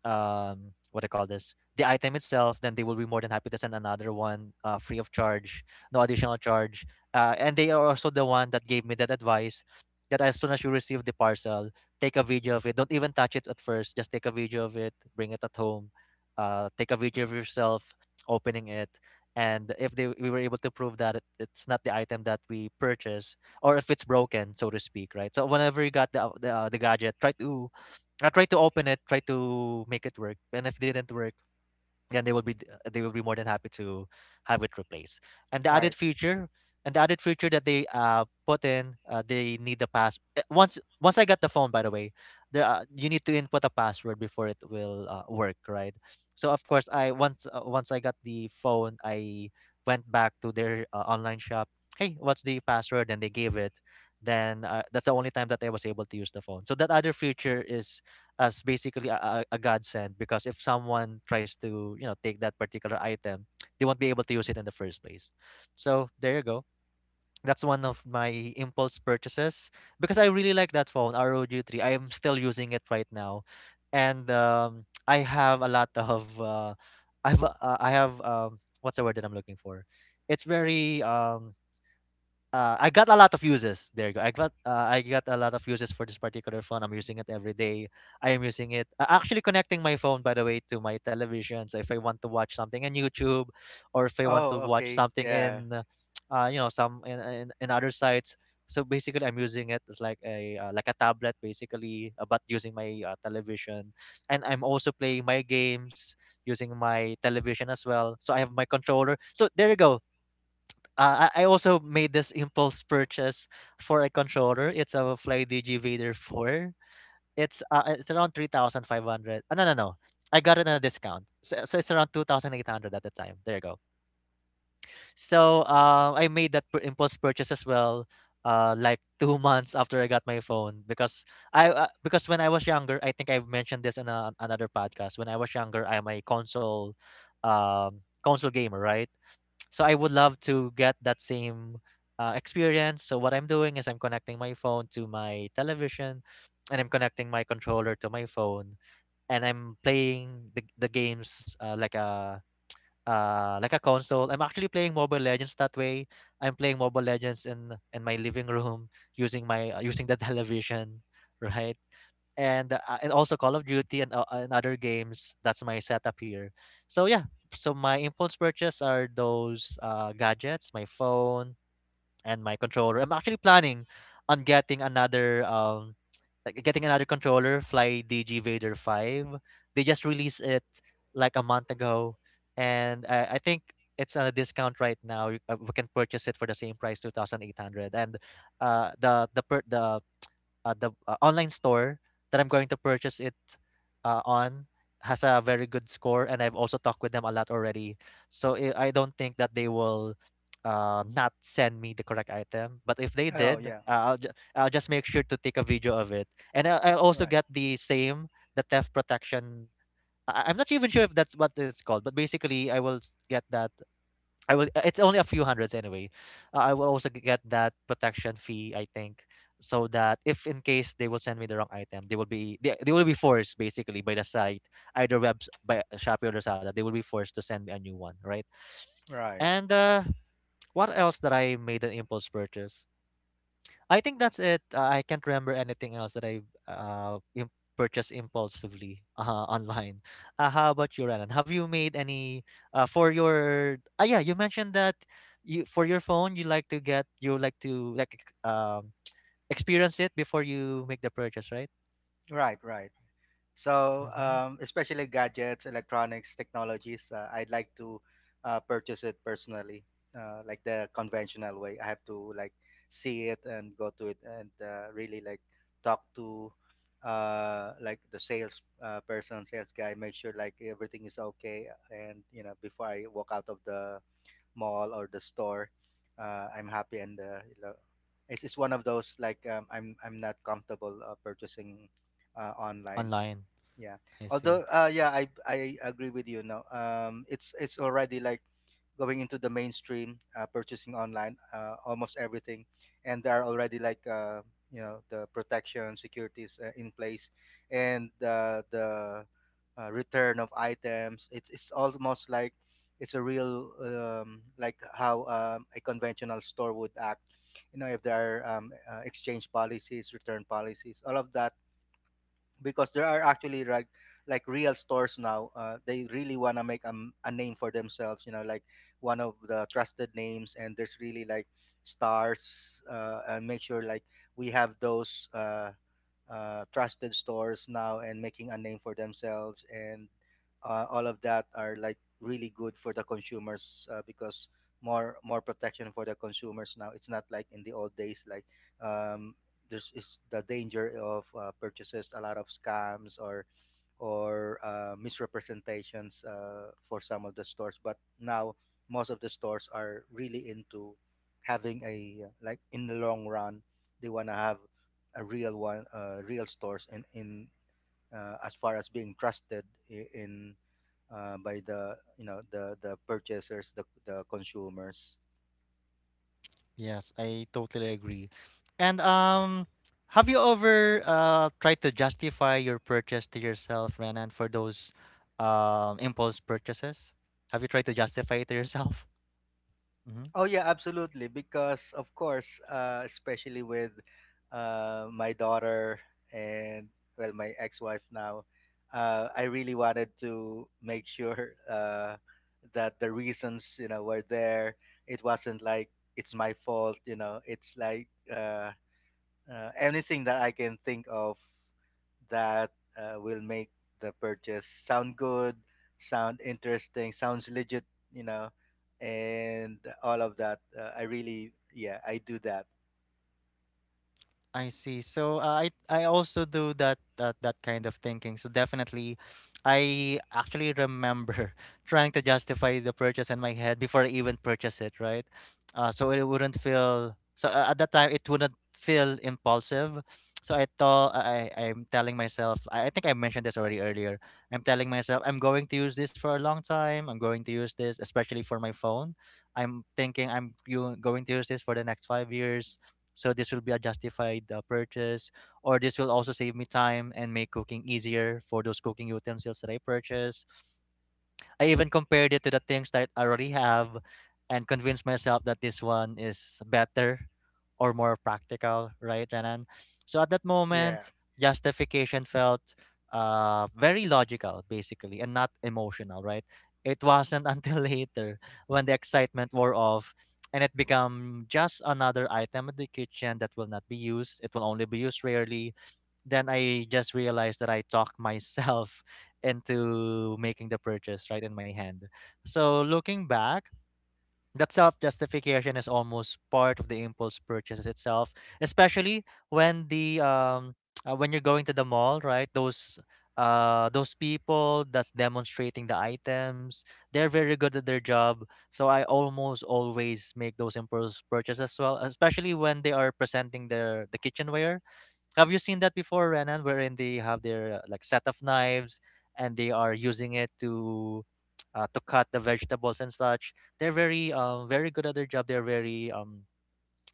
S1: what I call this the item itself, then they will be more than happy to send another one, free of charge, no additional charge, and they are also the one that gave me that advice that as soon as you receive the parcel, take a video of it. Don't even touch it at first, just take a video of it. Bring it at home, take a video of yourself opening it. And if they we were able to prove that it's not the item that we purchase or if it's broken, so to speak, right? So whenever you got the gadget, try to I try to open it, try to make it work, and if didn't work, then they will be more than happy to have it replaced. And the added
S2: right.
S1: feature, and the added feature that they put in, they need the pass. Eh, Once I got the phone, by the way, there you need to input a password before it will work, right? So of course, I once once I got the phone, I went back to their online shop. Hey, what's the password? And they gave it. Then That's the only time that I was able to use the phone. So that other feature is as basically a godsend, because if someone tries to, you know, take that particular item, they won't be able to use it in the first place. So there you go, that's one of my impulse purchases, because I really like that phone, ROG 3. I am still using it right now. And I have a lot of I have what's the word that I'm looking for? It's very I got a lot of uses. There you go. I got a lot of uses for this particular phone. I'm using it every day. I am using it, actually connecting my phone, by the way, to my television. So if I want to watch something in YouTube, or if I want to
S2: Oh,
S1: watch
S2: okay,
S1: something
S2: yeah.
S1: in, you know, some in other sites. So basically, I'm using it as like a tablet basically, but using my television, and I'm also playing my games using my television as well. So I have my controller. So there you go, I also made this impulse purchase for a controller. It's a Fly DG Vader 4. It's around 3,500. No, no, no. I got it on a discount. So, so it's around 2,800 at the time. There you go. So I made that impulse purchase as well, like 2 months after I got my phone, because I because when I was younger, I think I've mentioned this in a, another podcast. When I was younger, I'm a console gamer, right? So I would love to get that same experience. So what I'm doing is I'm connecting my phone to my television, and I'm connecting my controller to my phone, and I'm playing the games like a console. I'm actually playing Mobile Legends that way. I'm playing Mobile Legends in my living room using my using the television, right? And also Call of Duty and other games. That's my setup here. So yeah, so my impulse purchase are those gadgets, my phone and my controller. I'm actually planning on getting another like getting another controller, Fly DG Vader 5. They just released it like a month ago, and I think it's on a discount right now. We can purchase it for the same price, 2,800. And the per- the online store that I'm going to purchase it on has a very good score, and I've also talked with them a lot already. So I don't think that they will not send me the correct item. But if they
S2: Oh,
S1: did,
S2: yeah.
S1: I'll just make sure to take a video of it, and I'll also
S2: Right.
S1: get the same the theft protection. I'm not even sure if that's what it's called, but basically, I will s- get that I will. It's only a few hundreds anyway. I will also get that protection fee, I think, so that if in case they will send me the wrong item, they will be forced basically by the site, either webs by Shopee or Lazada. They will be forced to send me a new one, right?
S2: Right,
S1: And what else that I made an impulse purchase? I think that's it. I can't remember anything else that I've purchased impulsively online. How about you, Renan? Have you made any for your? Ah, yeah, you mentioned that you for your phone you like to get, you like to like experience it before you make the purchase, right?
S2: right, right. So,
S1: Mm-hmm.
S2: especially gadgets, electronics, technologies, I'd like to purchase it personally, like the conventional way. I have to like see it and go to it and really like talk to like the sales person, sales guy, make sure like everything is okay, and you know before I walk out of the mall or the store, I'm happy and you know, it's one of those like I'm not comfortable purchasing online,
S1: Online,
S2: yeah.
S1: I see.
S2: Although, yeah, I agree with you. No, it's already like going into the mainstream, purchasing online, almost everything, and there are already like you know the protection securities in place, and the return of items. It's almost like it's a real like how a conventional store would act. You know, if there are exchange policies, return policies, all of that because there are actually like real stores now, they really want to make a name for themselves, you know, like one of the trusted names, and there's really like stars, and make sure like we have those trusted stores now and making a name for themselves, and all of that are like really good for the consumers because more protection for the consumers now. It's not like in the old days like um, there's is the danger of purchases, a lot of scams or or misrepresentations for some of the stores. But now most of the stores are really into having a like in the long run, they want to have a real one, real stores, and in, as far as being trusted I- in by the you know the purchasers, the consumers.
S1: Yes, I totally agree. And have you ever tried to justify your purchase to yourself, Renan, for those impulse purchases? Have you tried to justify it to yourself? Mm-hmm.
S2: Oh yeah, absolutely. Because of course, especially with my daughter and, well, my ex-wife now, I really wanted to make sure that the reasons, you know, were there. It wasn't like it's my fault. You know, it's like anything that I can think of that will make the purchase sound good, sound interesting, sounds legit, you know, and all of that. I really, yeah, I do that.
S1: I see. So I also do that, that kind of thinking. So definitely, I actually remember trying to justify the purchase in my head before I even purchase it, right? So it wouldn't feel so at that time it wouldn't feel impulsive. So I thought I'm telling myself, I think I mentioned this already earlier. I'm telling myself I'm going to use this for a long time. I'm going to use this, especially for my phone. I'm thinking I'm you going to use this for the next 5 years, so this will be a justified purchase, or this will also save me time and make cooking easier for those cooking utensils that I purchase. I even compared it to the things that I already have and convinced myself that this one is better or more practical, right, Renan? So at that
S2: Yeah.
S1: moment, justification felt very logical basically and not emotional, right? It wasn't until later, when the excitement wore off and it became just another item in the kitchen that will not be used, it will only be used rarely, then I just realized that I talked myself into making the purchase right in my hand. So looking back, that self justification is almost part of the impulse purchases itself, especially when the when you're going to the mall, right? Those people that's demonstrating the items, they're very good at their job. So I almost always make those impulse purchases as well, especially when they are presenting the kitchenware. Have you seen that before, Renan, wherein they have their like set of knives and they are using it to to cut the vegetables and such? They're very very good at their job. They're very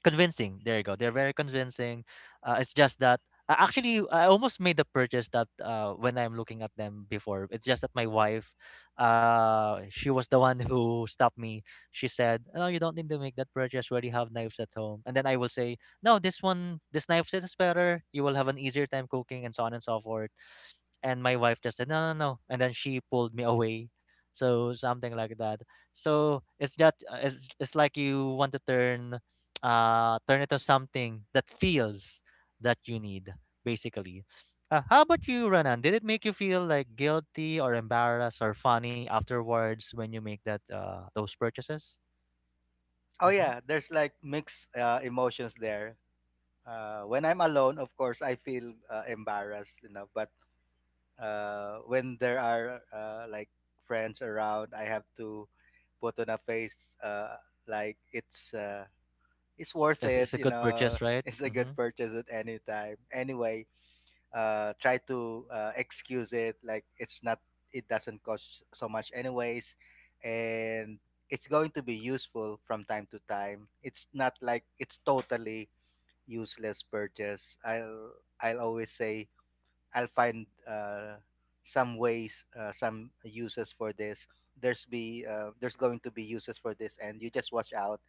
S1: convincing. There you go. They're very convincing. It's just that actually I almost made the purchase that when I'm looking at them before. It's just that my wife, she was the one who stopped me. She said, "No, you don't need to make that purchase. We already have knives at home." And then I will say, "No, this one, this knife set is better. You will have an easier time cooking, and so on and so forth." And my wife just said, "No, no, no," and then she pulled me away. So something like that. So it's like you want to turn it to something that feels that you need, basically. How about you, Renan? Did it make you feel like guilty or embarrassed or funny afterwards when you make that those purchases?
S2: Oh,
S1: Mm-hmm.
S2: yeah, there's like mixed emotions there. When I'm alone, of course, I feel embarrassed, you know, but when there are like friends around, I have to put on a face like it's. It's worth
S1: Like,
S2: it.
S1: it's a
S2: You
S1: good
S2: know,
S1: purchase, right?
S2: it's a good
S1: Mm-hmm.
S2: purchase at any time. Anyway, try to excuse it like it's not. It doesn't cost so much anyways, and it's going to be useful from time to time. It's not like it's totally useless purchase. I'll always say I'll find some ways, some uses for this. There's going to be uses for this, and you just watch out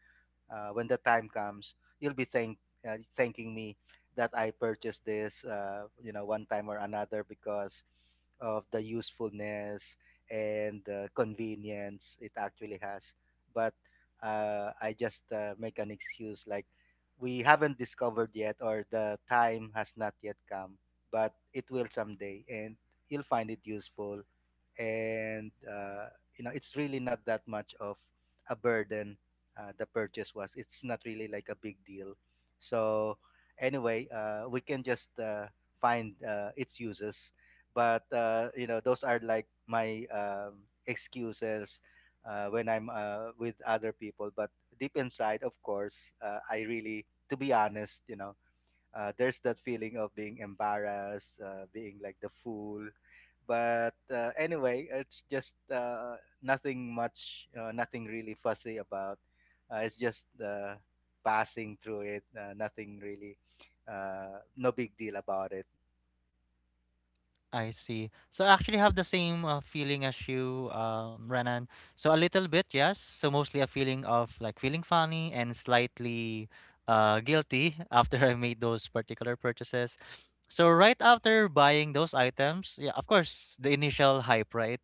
S2: when the time comes, you'll be thank thanking me that I purchased this, you know, one time or another because of the usefulness and the convenience it actually has. But I just make an excuse like we haven't discovered yet, or the time has not yet come, but it will someday, and you'll find it useful, and you know it's really not that much of a burden. The purchase was, it's not really like a big deal, so anyway, we can just find its uses. But you know, those are like my excuses when I'm with other people, but deep inside, of course, I really, to be honest, you know, there's that feeling of being embarrassed, being like the fool. But anyway, it's just nothing much, nothing really fussy about. It's just passing through it. Nothing really, no big deal about it.
S1: I see. So I actually have the same feeling as you, Renan. So a little bit, yes. So mostly a feeling of like feeling funny and slightly guilty after I made those particular purchases. So right after buying those items, yeah, of course, the initial hype, right?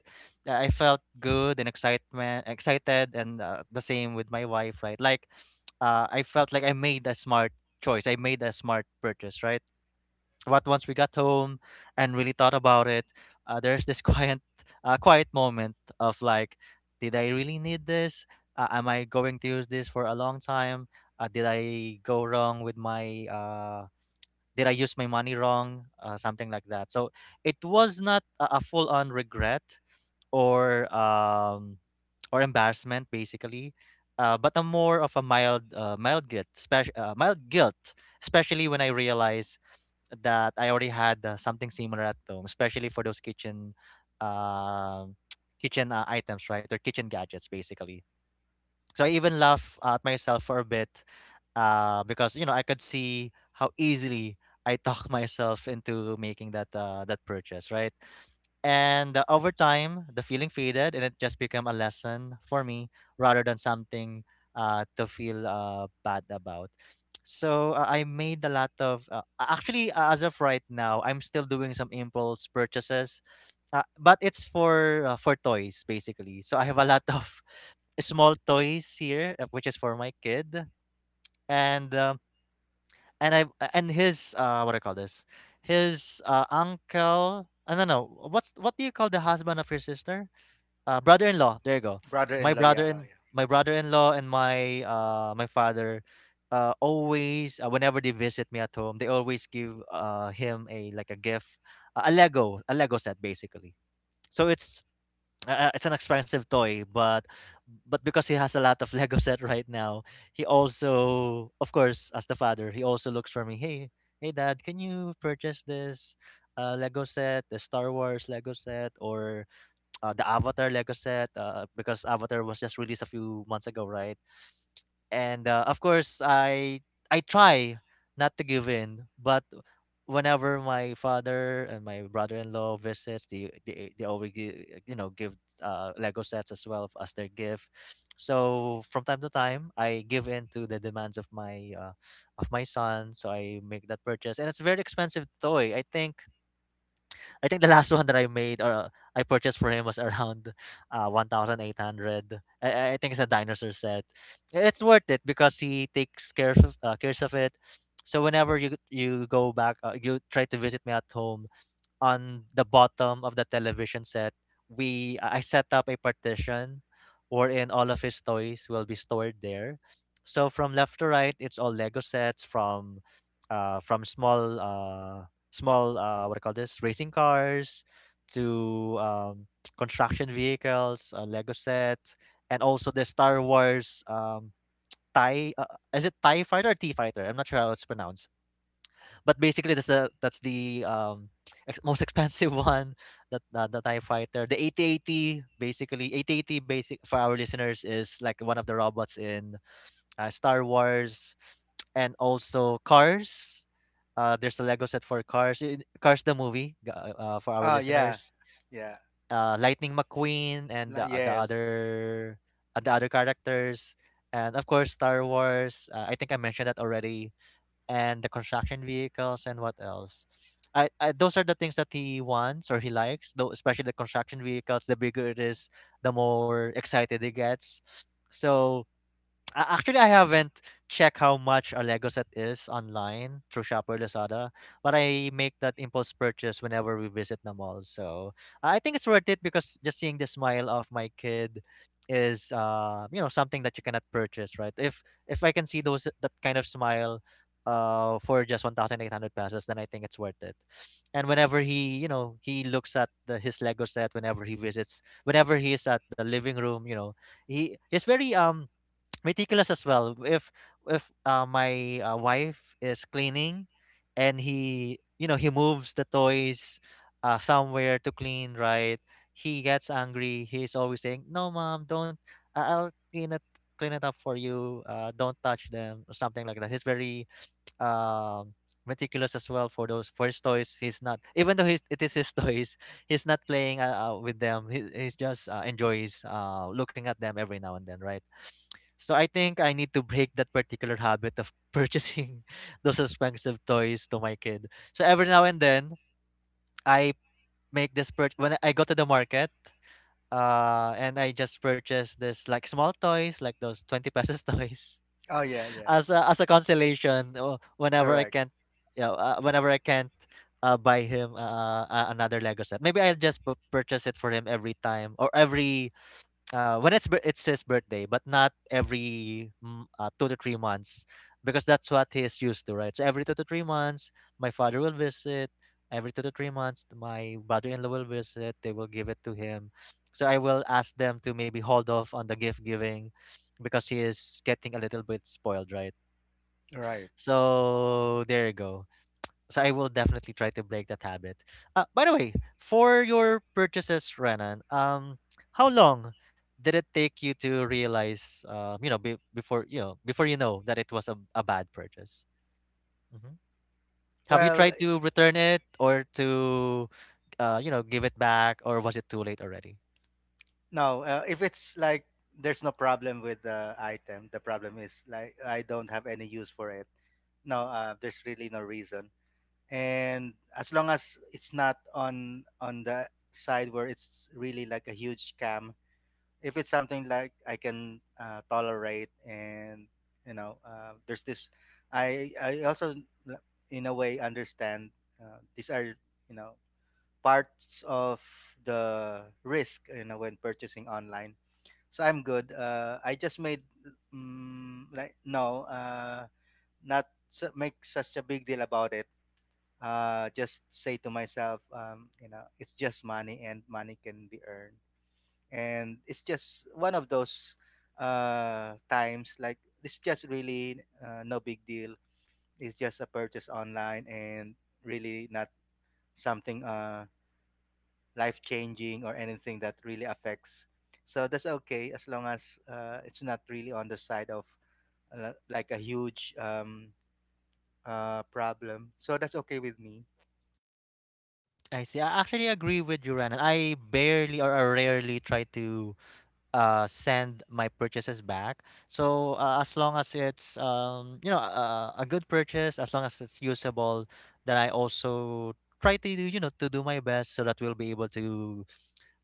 S1: I felt good and excitement, excited, and the same with my wife, right? Like, I felt like I made a smart choice. I made a smart purchase, right? But once we got home and really thought about it, there's this quiet moment of like, did I really need this? Am I going to use this for a long time? Did I go wrong with my? Did I use my money wrong? Something like that. So it was not a full-on regret, or um or embarrassment basically, but a more of a mild guilt, especially when I realize that I already had something similar at home, especially for those kitchen um kitchen items, right, or kitchen gadgets basically. So I even laugh at myself for a bit, because you know I could see how easily I talk myself into making that purchase, right? And over time, the feeling faded, and it just became a lesson for me rather than something to feel bad about. So I made a lot of a- actually as of right now, I'm still doing some impulse purchases, but it's for toys basically. So I have a lot of small toys here, which is for my kid, and um, and I and his what do I call this? His uncle. I don't know what do you call the husband of your sister? Brother-in-law. There you go. My
S2: Brother-in-law, yeah,
S1: brother
S2: oh
S1: in
S2: yeah,
S1: my brother-in-law and my my father. Always whenever they visit me at home, they always give him a like a gift, a Lego set basically. So it's an expensive toy, but because he has a lot of Lego set right now, he also, of course, as the father, he also looks for me. Hey, hey, dad, can you purchase this Lego set, the Star Wars Lego set, or the Avatar Lego set because Avatar was just released a few months ago, right? And Of course, I try not to give in, but whenever my father and my brother-in-law visits, they always give, give Lego sets as well as their gift. So from time to time, I give in to the demands of my son. So I make that purchase, and it's a very expensive toy. I think the last one that I made or I purchased for him was around 1800. I think it's a dinosaur set. It's worth it because he takes care of cares of it. So whenever you go back, you try to visit me at home on the bottom of the television set, we I set up a partition wherein all of his toys will be stored there. So from left to right, it's all Lego sets from small small what do you call this, racing cars to construction vehicles, Lego sets, and also the Star Wars tie is it tie fighter or T fighter? I'm not sure how it's pronounced. But basically, that's the ex- most expensive one. That the Tie Fighter, the 8080, basically 8080 basic for our listeners is like one of the robots in Star Wars, and also Cars. There's a Lego set for Cars. Cars the movie for our
S2: oh yeah,
S1: listeners.
S2: yeah,
S1: Lightning McQueen and
S2: Yes,
S1: the other characters, and of course Star Wars. I think I mentioned that already, and the construction vehicles and what else? I those are the things that he wants or he likes. Though especially the construction vehicles, the bigger it is, the more excited he gets. So actually, I haven't checked how much a Lego set is online through Shopper Lazada, but I make that impulse purchase whenever we visit the mall. So I think it's worth it because just seeing the smile of my kid is uh, you know, something that you cannot purchase, right? If I can see those that kind of smile for just 1800 pesos, then I think it's worth it. And whenever he, you know, he looks at the, his Lego set whenever he visits, whenever he's at the living room, you know, he's very meticulous as well. If my wife is cleaning, and he, you know, he moves the toys somewhere to clean, right? He gets angry. He's always saying, "No, mom, don't. I'll clean it up for you. Don't touch them or something like that." He's very um meticulous as well for those for his toys. He's not, even though it is his toys, he's not playing with them. He's just enjoys looking at them every now and then, right? So I think I need to break that particular habit of purchasing those expensive toys to my kid. So every now and then I make this purchase when I go to the market, and I just purchase this like small toys like those 20 pesos toys
S2: oh yeah, yeah,
S1: as as a consolation whenever I
S2: correct,
S1: can't, yeah, whenever I can't buy him another Lego set. Maybe I'll just purchase it for him every time or every when it's his birthday, but not every 2 to 3 months because that's what he is used to, right? So every 2 to 3 months, my father will visit. Every 2 to 3 months, my brother-in-law will visit. They will give it to him. So I will ask them to maybe hold off on the gift giving because he is getting a little bit spoiled, right?
S2: right.
S1: So there you go. So I will definitely try to break that habit. By the way, for your purchases, Renan, how long did it take you to realize, you know, before you know that it was a bad purchase? Hmm. Have you
S2: Well,
S1: tried to return it or to, you know, give it back, or was it too late already?
S2: no, if it's like there's no problem with the item, the problem is like I don't have any use for it. No, there's really no reason. And as long as it's not on the side where it's really like a huge scam, if it's something like I can tolerate, and you know, there's this. I also l- in a way understand these are, you know, parts of the risk, you know, when purchasing online, so I'm good. I just made like no, not su- make such a big deal about it. Just say to myself, you know, it's just money, and money can be earned, and it's just one of those times. Like it's just really, no big deal. It's just a purchase online, and really not something. Life changing or anything that really affects. So that's okay as long as it's not really on the side of like a huge problem. So that's okay with me.
S1: I see. I actually agree with you, Renan. I barely or I rarely try to send my purchases back. So as long as it's, um, you know, a good purchase, as long as it's usable, then I also try to, do you know, to do my best so that we'll be able to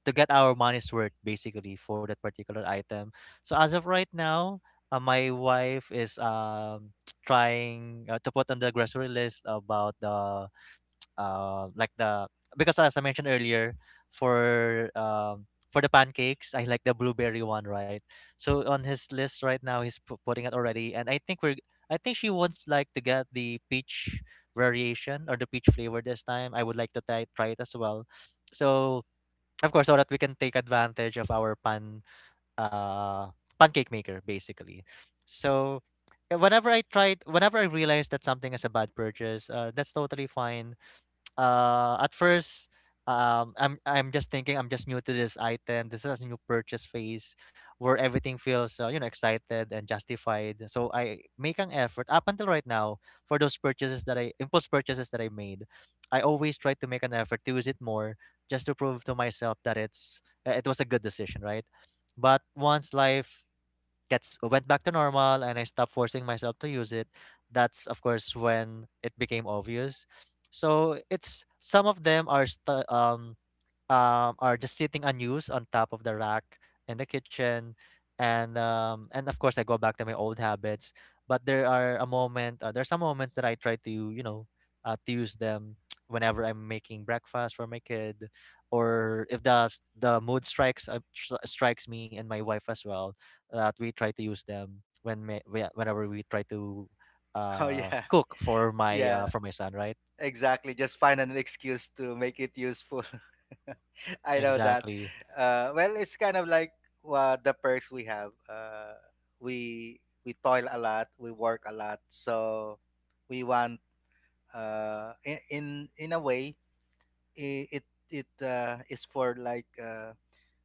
S1: get our money's worth basically for that particular item. So as of right now, my wife is trying to put on the grocery list about the like the, because as I mentioned earlier, for the pancakes, I like the blueberry one, right? So on his list right now, he's putting it already, and I think she wants like to get the peach variation or the peach flavor this time. I would like to try it as well. So of course, so that we can take advantage of our uh pancake maker basically. So whenever I realized that something is a bad purchase, that's totally fine at first, I'm just thinking I'm just new to this item. This is a new purchase phase where everything feels excited and justified. So I make an effort up until right now for those purchases that I impulse purchases that I made. I always try to make an effort to use it more just to prove to myself that it was a good decision, right? But once life gets went back to normal and I stopped forcing myself to use it, that's of course when it became obvious. So it's some of them are are just sitting unused on top of the rack in the kitchen, and and of course I go back to my old habits. But there are some moments that I try to to use them whenever I'm making breakfast for my kid, or if the mood strikes me and my wife as well, that we try to use them when whenever we try to
S2: Oh yeah,
S1: cook
S2: yeah,
S1: for my son, right?
S2: exactly. Just find an excuse to make it useful. I know that.
S1: Exactly.
S2: Well, it's kind of like the perks we have. We toil a lot, we work a lot, so we want uh, in in in a way i- it it is for like uh,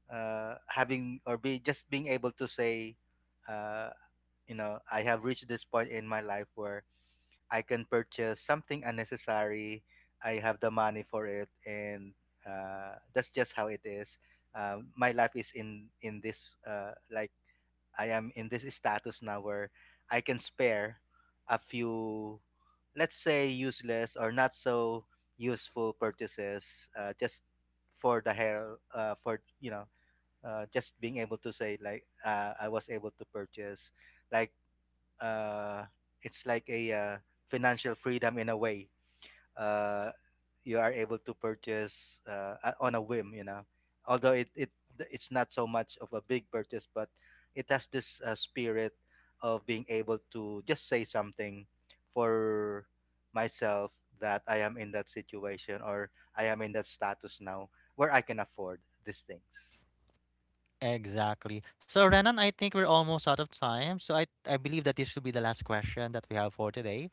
S2: uh, having, or be just being able to say, uh, you know, I have reached this point in my life where I can purchase something unnecessary. I have the money for it, and that's just how it is. Uh, my life is in this like, I am in this status now where I can spare a few, let's say, useless or not so useful purchases, just for the hell, for, you know, just being able to say like, I was able to purchase, like uh, it's like a financial freedom in a way. Uh, you are able to purchase on a whim, you know. Although it's not so much of a big purchase, but it has this spirit of being able to just say something for myself that I am in that situation, or I am in that status now where I can afford these things.
S1: Exactly. So, Renan, I think we're almost out of time. So, I believe that this should be the last question that we have for today.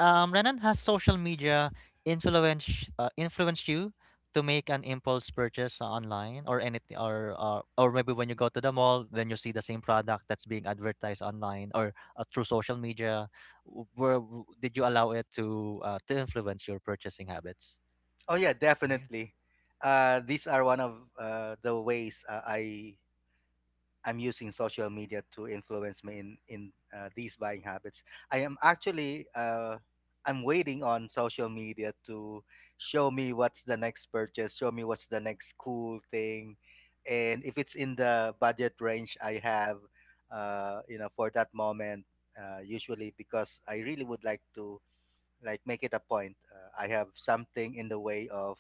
S1: Renan, has social media influenced you to make an impulse purchase online or anything, or maybe when you go to the mall, then you see the same product that's being advertised online or through social media? Where did you allow it to influence your purchasing habits?
S2: Oh yeah, definitely.
S1: Mm-hmm.
S2: These are one of the ways I'm using social media to influence me in these buying habits. I am actually I'm waiting on social media to show me what's the next purchase, show me what's the next cool thing, and if it's in the budget range I have, you know, for that moment. Usually, because I really would like to like make it a point. I have something in the way of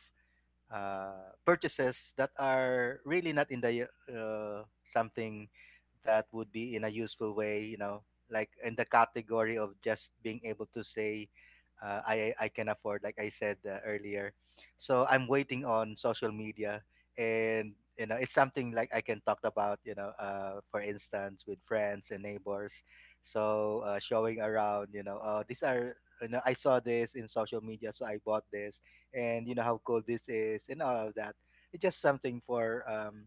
S2: purchases that are really not in the something that would be in a useful way, you know, like in the category of just being able to say I can afford, like I said, earlier. So I'm waiting on social media, and you know it's something like I can talk about, you know, for instance with friends and neighbors. So showing around, you know, these are, you know, I saw this in social media, so I bought this, and you know how cold this is and all of that. It's just something for um,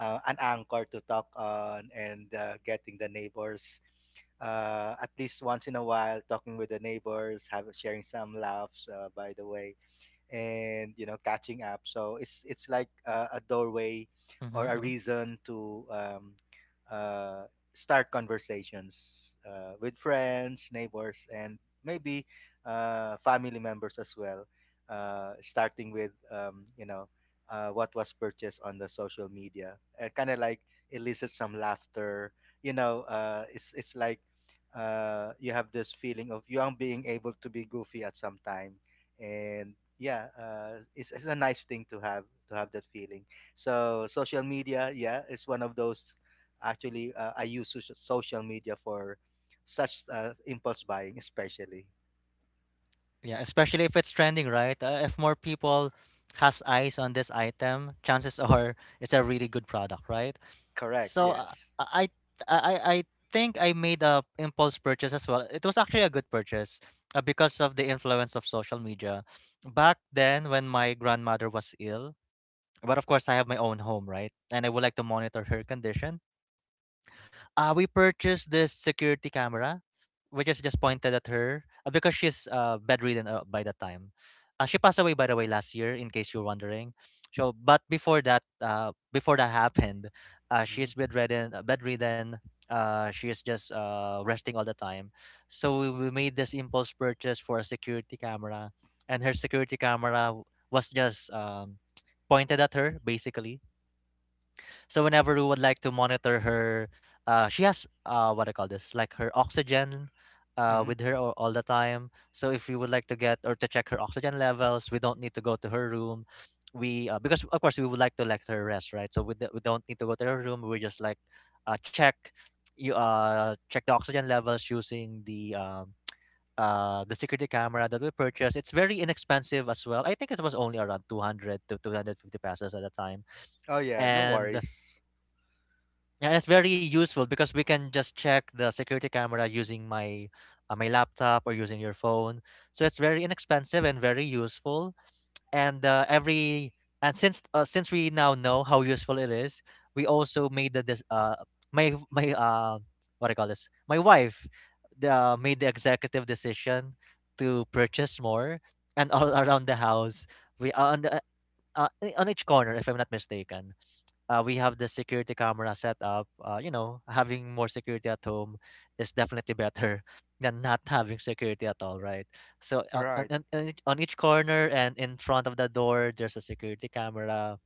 S2: uh, an anchor to talk on, and getting the neighbors at least once in a while, talking with the neighbors, have sharing some laughs. By the way, and you know catching up, so it's like a
S1: Mm-hmm.
S2: doorway or a reason to uh, start conversations with friends, neighbors, and maybe family members as well, starting with you know, what was purchased on the social media, kind of like elicit some laughter, you know, it's like you have this feeling of, you are being able to be goofy at some time, and yeah, it's a nice thing to have, to have that feeling. So social media, yeah, it's one of those. Actually, I use social media for such impulse buying, especially.
S1: Yeah, especially if it's trending, right? If more people has eyes on this item, chances are it's a really good product, right?
S2: Correct,
S1: So
S2: yes.
S1: I I think I made a impulse purchase as well. It was actually a good purchase because of the influence of social media. Back then, when my grandmother was ill, but of course I have my own home, right? And I would like to monitor her condition. We purchased this security camera, which is just pointed at her because she's bedridden by that time. She passed away, by the way, last year, in case you're wondering. So, but before that happened, she is bedridden. Bedridden. She is just resting all the time. So we made this impulse purchase for a security camera, and her security camera was just pointed at her, basically. So whenever we would like to monitor her, she has what I call this, like her oxygen,
S2: Mm-hmm.
S1: with her all the time. So if we would like to get or to check her oxygen levels, we don't need to go to her room. We because of course we would like to let her rest, right? So we don't need to go to her room. We just like check you check the oxygen levels using the security camera that we purchased. It's very inexpensive as well. I think it was only around 200 to 250 pesos at the time,
S2: Oh yeah, no
S1: and
S2: worries.
S1: yeah, that's very useful because we can just check the security camera using my laptop or using your phone. So it's very inexpensive and very useful. And uh, every and since we now know how useful it is, we also made the this my my what do you call this my wife, the, made the executive decision to purchase more and all around the house. we uh, on the, uh, uh, on each corner, if I'm not mistaken, we have the security camera set up. You know, having more security at home is definitely better than not having security at all, right? So
S2: Right.
S1: on each corner and in front of the door, there's a security camera,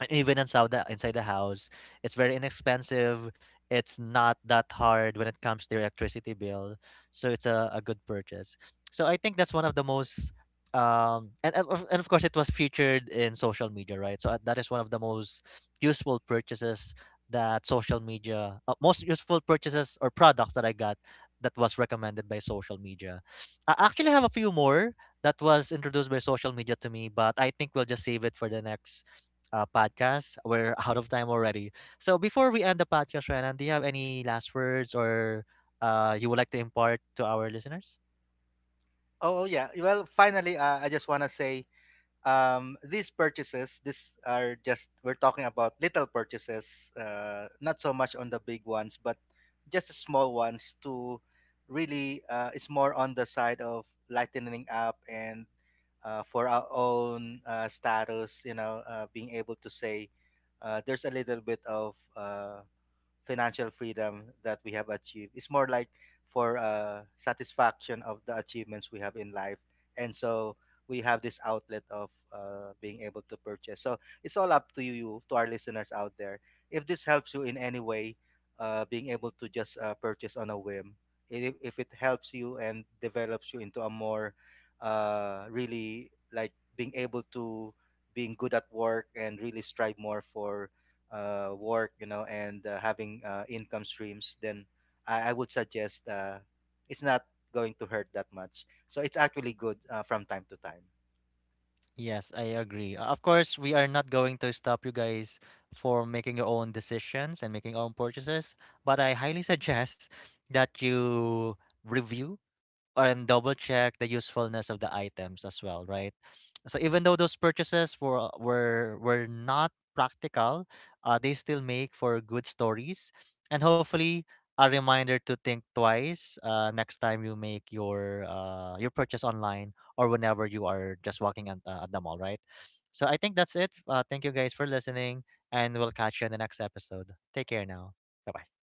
S1: and even inside the house. It's very inexpensive. It's not that hard when it comes to your electricity bill, so it's a good purchase. So I think that's one of the most um, and of course it was featured in social media, right? So that is one of the most useful purchases that social media most useful purchases or products that I got that was recommended by social media. I actually have a few more that was introduced by social media to me, but I think we'll just save it for the next podcast. We're out of time already. So before we end the podcast, Renan, do you have any last words or you would like to impart to our listeners?
S2: Oh, oh, yeah, well, finally, I just want to say, these purchases, these are just, we're talking about little purchases, not so much on the big ones, but just the small ones to really, is more on the side of lightening up, and for our own status, you know, being able to say, there's a little bit of financial freedom that we have achieved. It's more like for satisfaction of the achievements we have in life, and so we have this outlet of being able to purchase. So it's all up to you, to our listeners out there. If this helps you in any way, being able to just purchase on a whim, if it helps you and develops you into a more really like being able to, being good at work and really strive more for work, you know, and having income streams, then I would suggest, it's not going to hurt that much. So it's actually good, from time to time.
S1: Yes, I agree. Of course, we are not going to stop you guys for making your own decisions and making your own purchases, but I highly suggest that you review and double check the usefulness of the items as well, right? So even though those purchases were not practical, they still make for good stories, and hopefully a reminder to think twice next time you make your purchase online or whenever you are just walking at the mall, right? So I think that's it. Thank you guys for listening, and we'll catch you in the next episode. Take care now. Bye bye.